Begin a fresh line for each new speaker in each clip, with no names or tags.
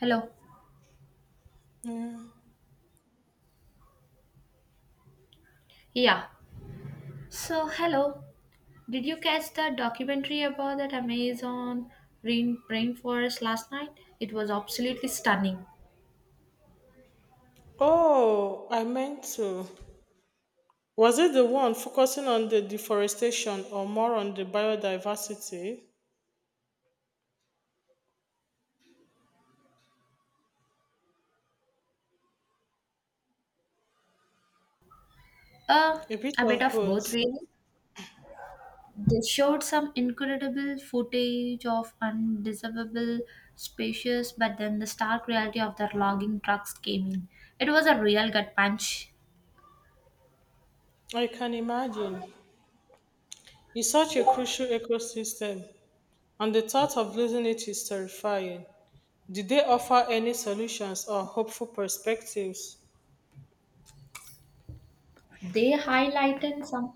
Hello. Yeah. So, hello. Did you catch the documentary about that Amazon rain rainforest last night? It was absolutely stunning.
Oh, I meant to. Was it the one focusing on the deforestation or more on the biodiversity?
Uh,
A bit
a bit
of
of
both.
both, really. They showed some incredible footage of undesirable species, but then the stark reality of their logging trucks came in. It was a real gut punch.
I can imagine. It's such a crucial ecosystem, and the thought of losing it is terrifying. Did they offer any solutions or hopeful perspectives?
They highlighted some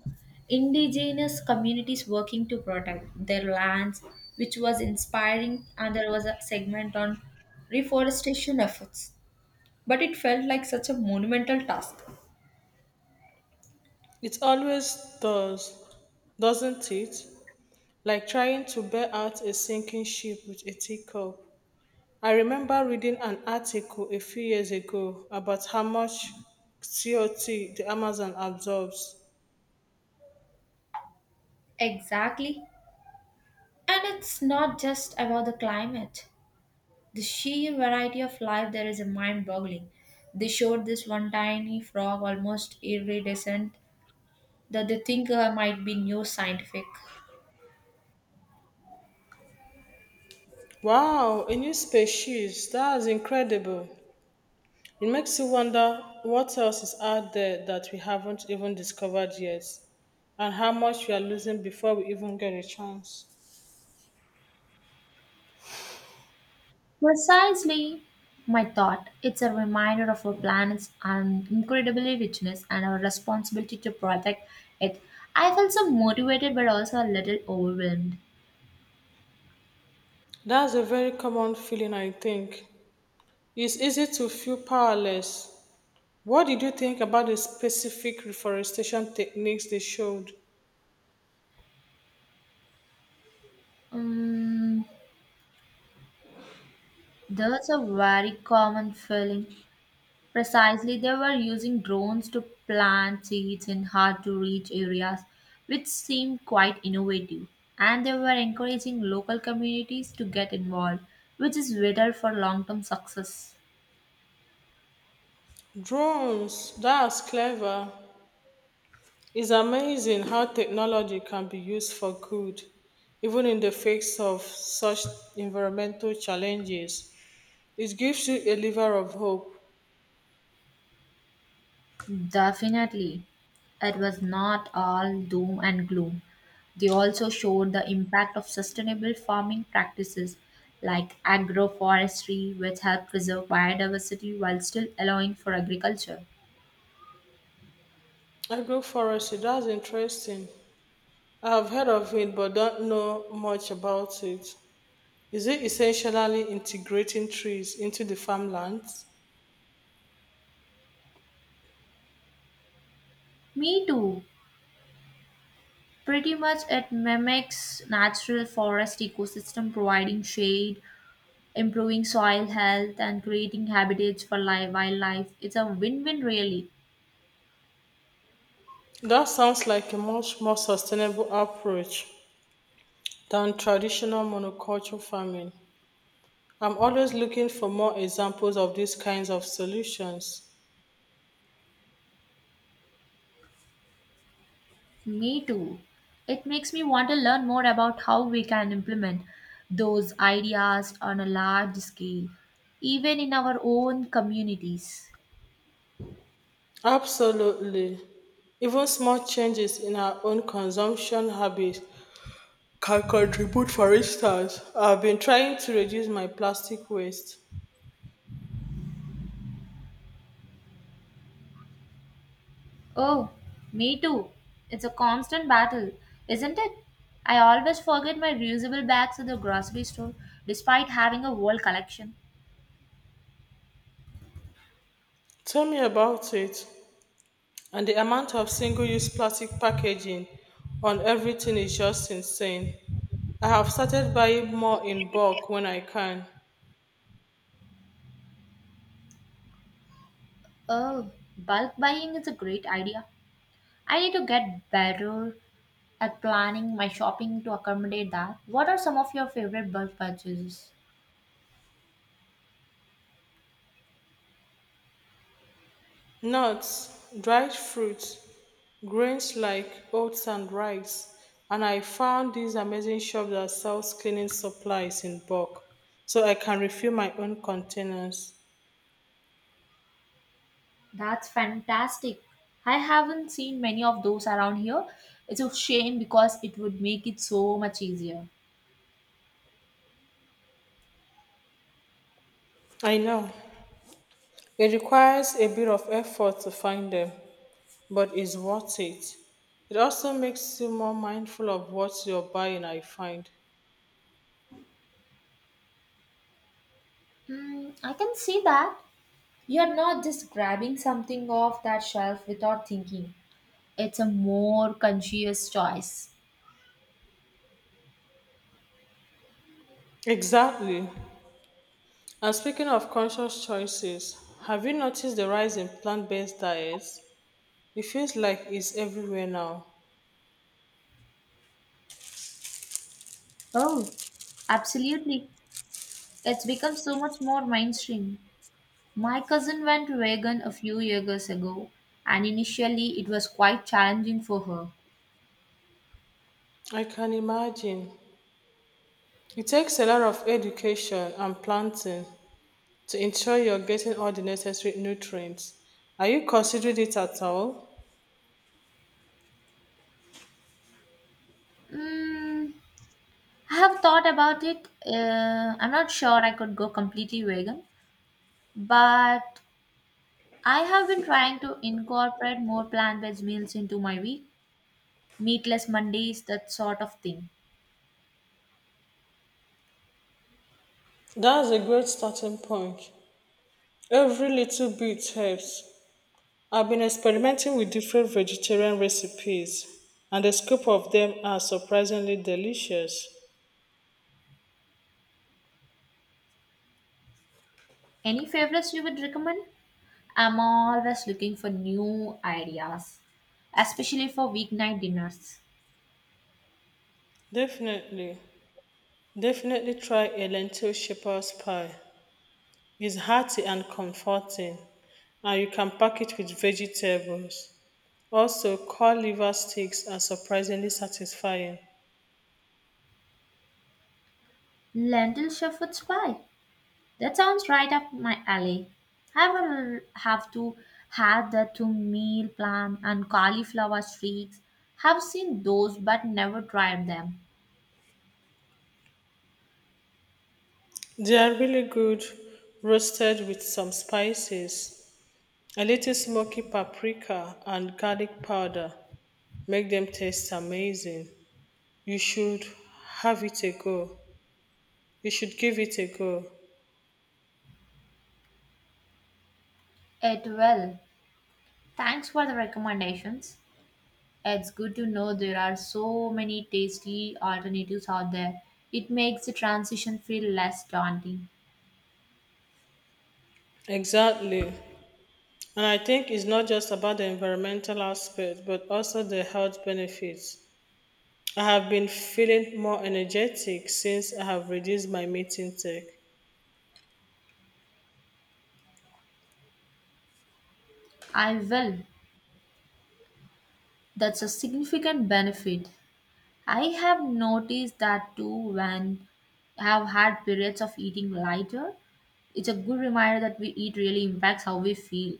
indigenous communities working to protect their lands, which was inspiring, and there was a segment on reforestation efforts. But it felt like such a monumental task.
It always does, doesn't it? Like trying to bail out a sinking ship with a teacup. I remember reading an article a few years ago about how much CO2 the Amazon absorbs.
Exactly. And it's not just about the climate. The sheer variety of life there is mind boggling. They showed this one tiny frog almost iridescent that they think might be new scientific.
Wow, a new species. That's incredible. It makes you wonder what else is out there that we haven't even discovered yet, and how much we are losing before we even get a chance.
Precisely my thought. It's a reminder of our planet's incredibly richness and our responsibility to protect it. I felt so motivated but also a little overwhelmed.
That's a very common feeling, I think. It's easy to feel powerless. What did you think about the specific reforestation techniques they showed?
Um, that's a very common feeling. Precisely, they were using drones to plant seeds in hard to reach areas, which seemed quite innovative. And they were encouraging local communities to get involved, which is vital for long term success.
Drones, that's clever. It's amazing how technology can be used for good, even in the face of such environmental challenges. It gives you a lever of hope.
Definitely. It was not all doom and gloom. They also showed the impact of sustainable farming practices like agroforestry, which help preserve biodiversity while still allowing for agriculture.
Agroforestry, that's interesting. I've heard of it but don't know much about it. Is it essentially integrating trees into the farmlands?
Me too. Pretty much it mimics natural forest ecosystem providing shade, improving soil health and creating habitats for live wildlife. It's a win-win really.
That sounds like a much more sustainable approach than traditional monoculture farming. I'm always looking for more examples of these kinds of solutions.
Me too. It makes me want to learn more about how we can implement those ideas on a large scale, even in our own communities.
Absolutely. Even small changes in our own consumption habits can contribute, for instance. I've been trying to reduce my plastic waste.
Oh, me too. It's a constant battle, isn't it? I always forget my reusable bags at the grocery store despite having a whole collection.
Tell me about it. And the amount of single use plastic packaging on everything is just insane. I have started buying more in bulk when I can.
Oh, bulk buying is a great idea. I need to get better at planning my shopping to accommodate that. What are some of your favorite bulk purchases?
Nuts, dried fruits, grains like oats and rice. And I found this amazing shop that sells cleaning supplies in bulk, so I can refill my own containers.
That's fantastic. I haven't seen many of those around here. It's a shame because it would make it so much easier.
I know it requires a bit of effort to find them, but it's worth it. It also makes you more mindful of what you're buying, I find.
Hmm, I can see that. You're not just grabbing something off that shelf without thinking. It's a more conscious choice.
Exactly. And speaking of conscious choices, have you noticed the rise in plant based diets? It feels like it's everywhere now.
Oh, absolutely. It's become so much more mainstream. My cousin went vegan a few years ago, and initially it was quite challenging for her.
I can imagine. It takes a lot of education and planting to ensure you're getting all the necessary nutrients. Are you considering it at all?
Mm, I have thought about it. I'm not sure I could go completely vegan, but I have been trying to incorporate more plant based meals into my week. Meatless Mondays, that sort of thing.
That's a great starting point. Every little bit helps. I've been experimenting with different vegetarian recipes, and a scoop of them are surprisingly delicious.
Any favorites you would recommend? I'm always looking for new ideas, especially for weeknight dinners.
Definitely, definitely try a lentil shepherd's pie. It's hearty and comforting and you can pack it with vegetables. Also, cod liver sticks are surprisingly satisfying.
Lentil shepherd's pie. That sounds right up my alley. I will have to have the two meal plan and cauliflower streaks. Have seen those but never tried them.
They are really good roasted with some spices, a little smoky paprika and garlic powder. Make them taste amazing. You should have it a go. You should give it a go.
It will. Thanks for the recommendations. It's good to know there are so many tasty alternatives out there. It makes the transition feel less daunting.
Exactly. And I think it's not just about the environmental aspect, but also the health benefits. I have been feeling more energetic since I have reduced my meeting tech.
I will. That's a significant benefit. I have noticed that too when I have had periods of eating lighter. It's a good reminder that we eat really impacts how we feel.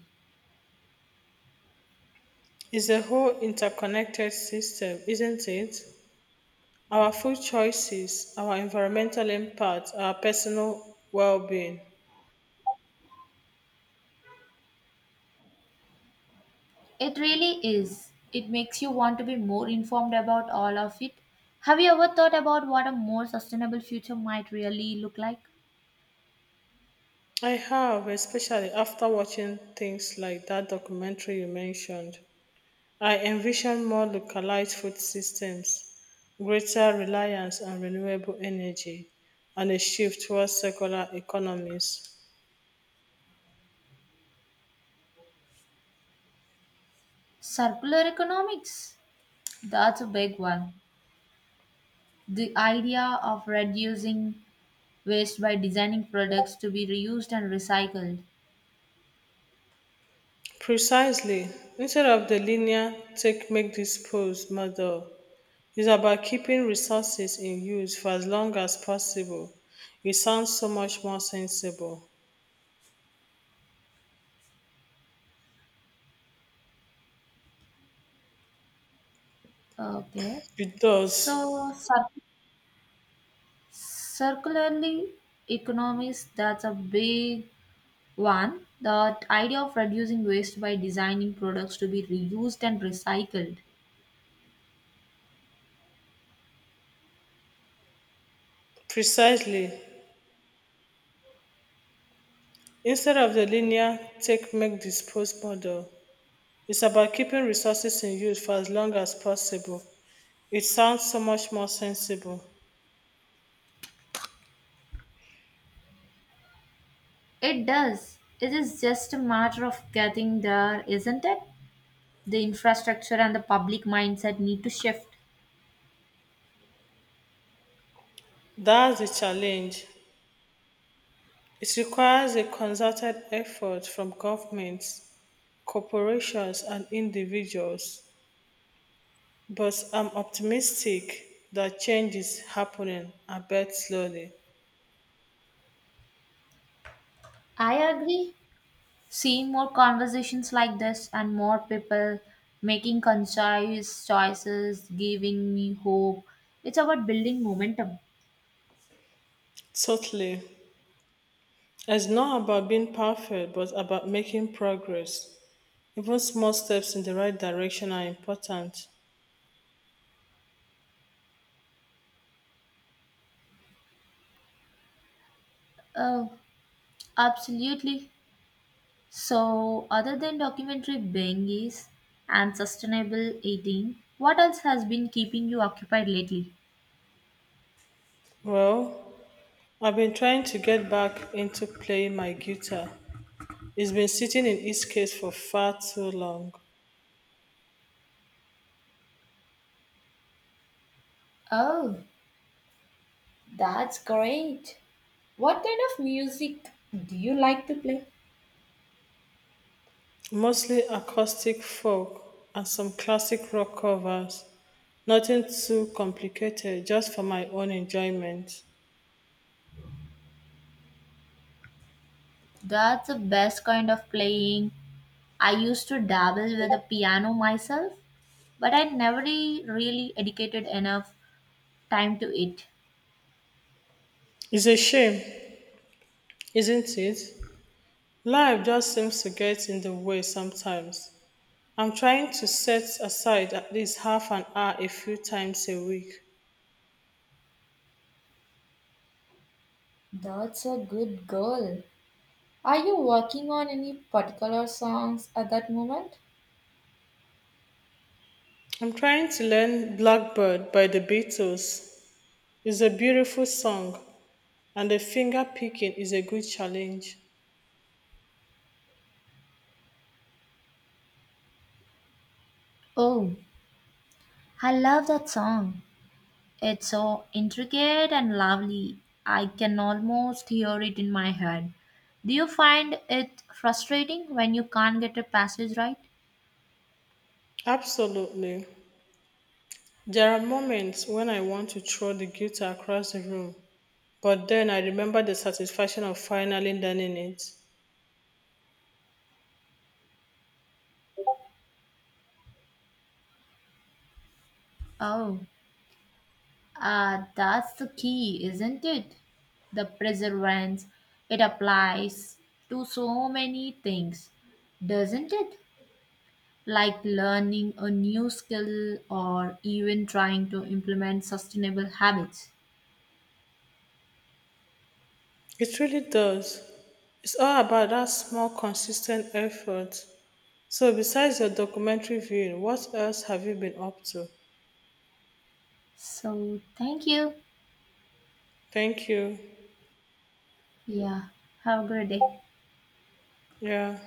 It's a whole interconnected system, isn't it? Our food choices, our environmental impact, our personal well being.
It really is. It makes you want to be more informed about all of it. Have you ever thought about what a more sustainable future might really look like?
I have, especially after watching things like that documentary you mentioned. I envision more localized food systems, greater reliance on renewable energy, and a shift towards circular economies.
Circular economics. That's a big one. The idea of reducing waste by designing products to be reused and recycled.
Precisely. Instead of the linear take make dispose model, it's about keeping resources in use for as long as possible. It sounds so much more sensible.
Okay.
It does.
So, circularly economies, that's a big one. The idea of reducing waste by designing products to be reused and recycled.
Precisely. Instead of the linear take make dispose model, it's about keeping resources in use for as long as possible. It sounds so much more sensible.
It does. It is just a matter of getting there, isn't it? The infrastructure and the public mindset need to shift.
That's the challenge. It requires a concerted effort from governments, corporations, and individuals, but I'm optimistic that change is happening, albeit slowly.
I agree. Seeing more conversations like this and more people making conscious choices, giving me hope. It's about building momentum.
Totally. It's not about being perfect, but about making progress. Even small steps in the right direction are important.
Oh, absolutely. So, other than documentary binges and sustainable eating, what else has been keeping you occupied lately?
Well, I've been trying to get back into playing my guitar. It's been sitting in its case for far too long.
Oh, that's great. What kind of music do you like to play?
Mostly acoustic folk and some classic rock covers. Nothing too complicated, just for my own enjoyment.
That's the best kind of playing. I used to dabble with the piano myself, but I never really dedicated enough time to it.
It's a shame, isn't it? Life just seems to get in the way sometimes. I'm trying to set aside at least half an hour a few times a week.
That's a good girl. Are you working on any particular songs at that moment?
I'm trying to learn Blackbird by the Beatles. It's a beautiful song, and the finger picking is a good challenge.
Oh. I love that song. It's so intricate and lovely. I can almost hear it in my head. Do you find it frustrating when you can't get a passage right?
Absolutely. There are moments when I want to throw the guitar across the room, but then I remember the satisfaction of finally learning it.
Oh, that's the key, isn't it? The perseverance. It applies to so many things, doesn't it? Like learning a new skill or even trying to implement sustainable habits.
It really does. It's all about that small, consistent effort. So, besides your documentary viewing, what else have you been up to?
So, thank you.
Thank you.
Yeah. Have a good day.
Yeah.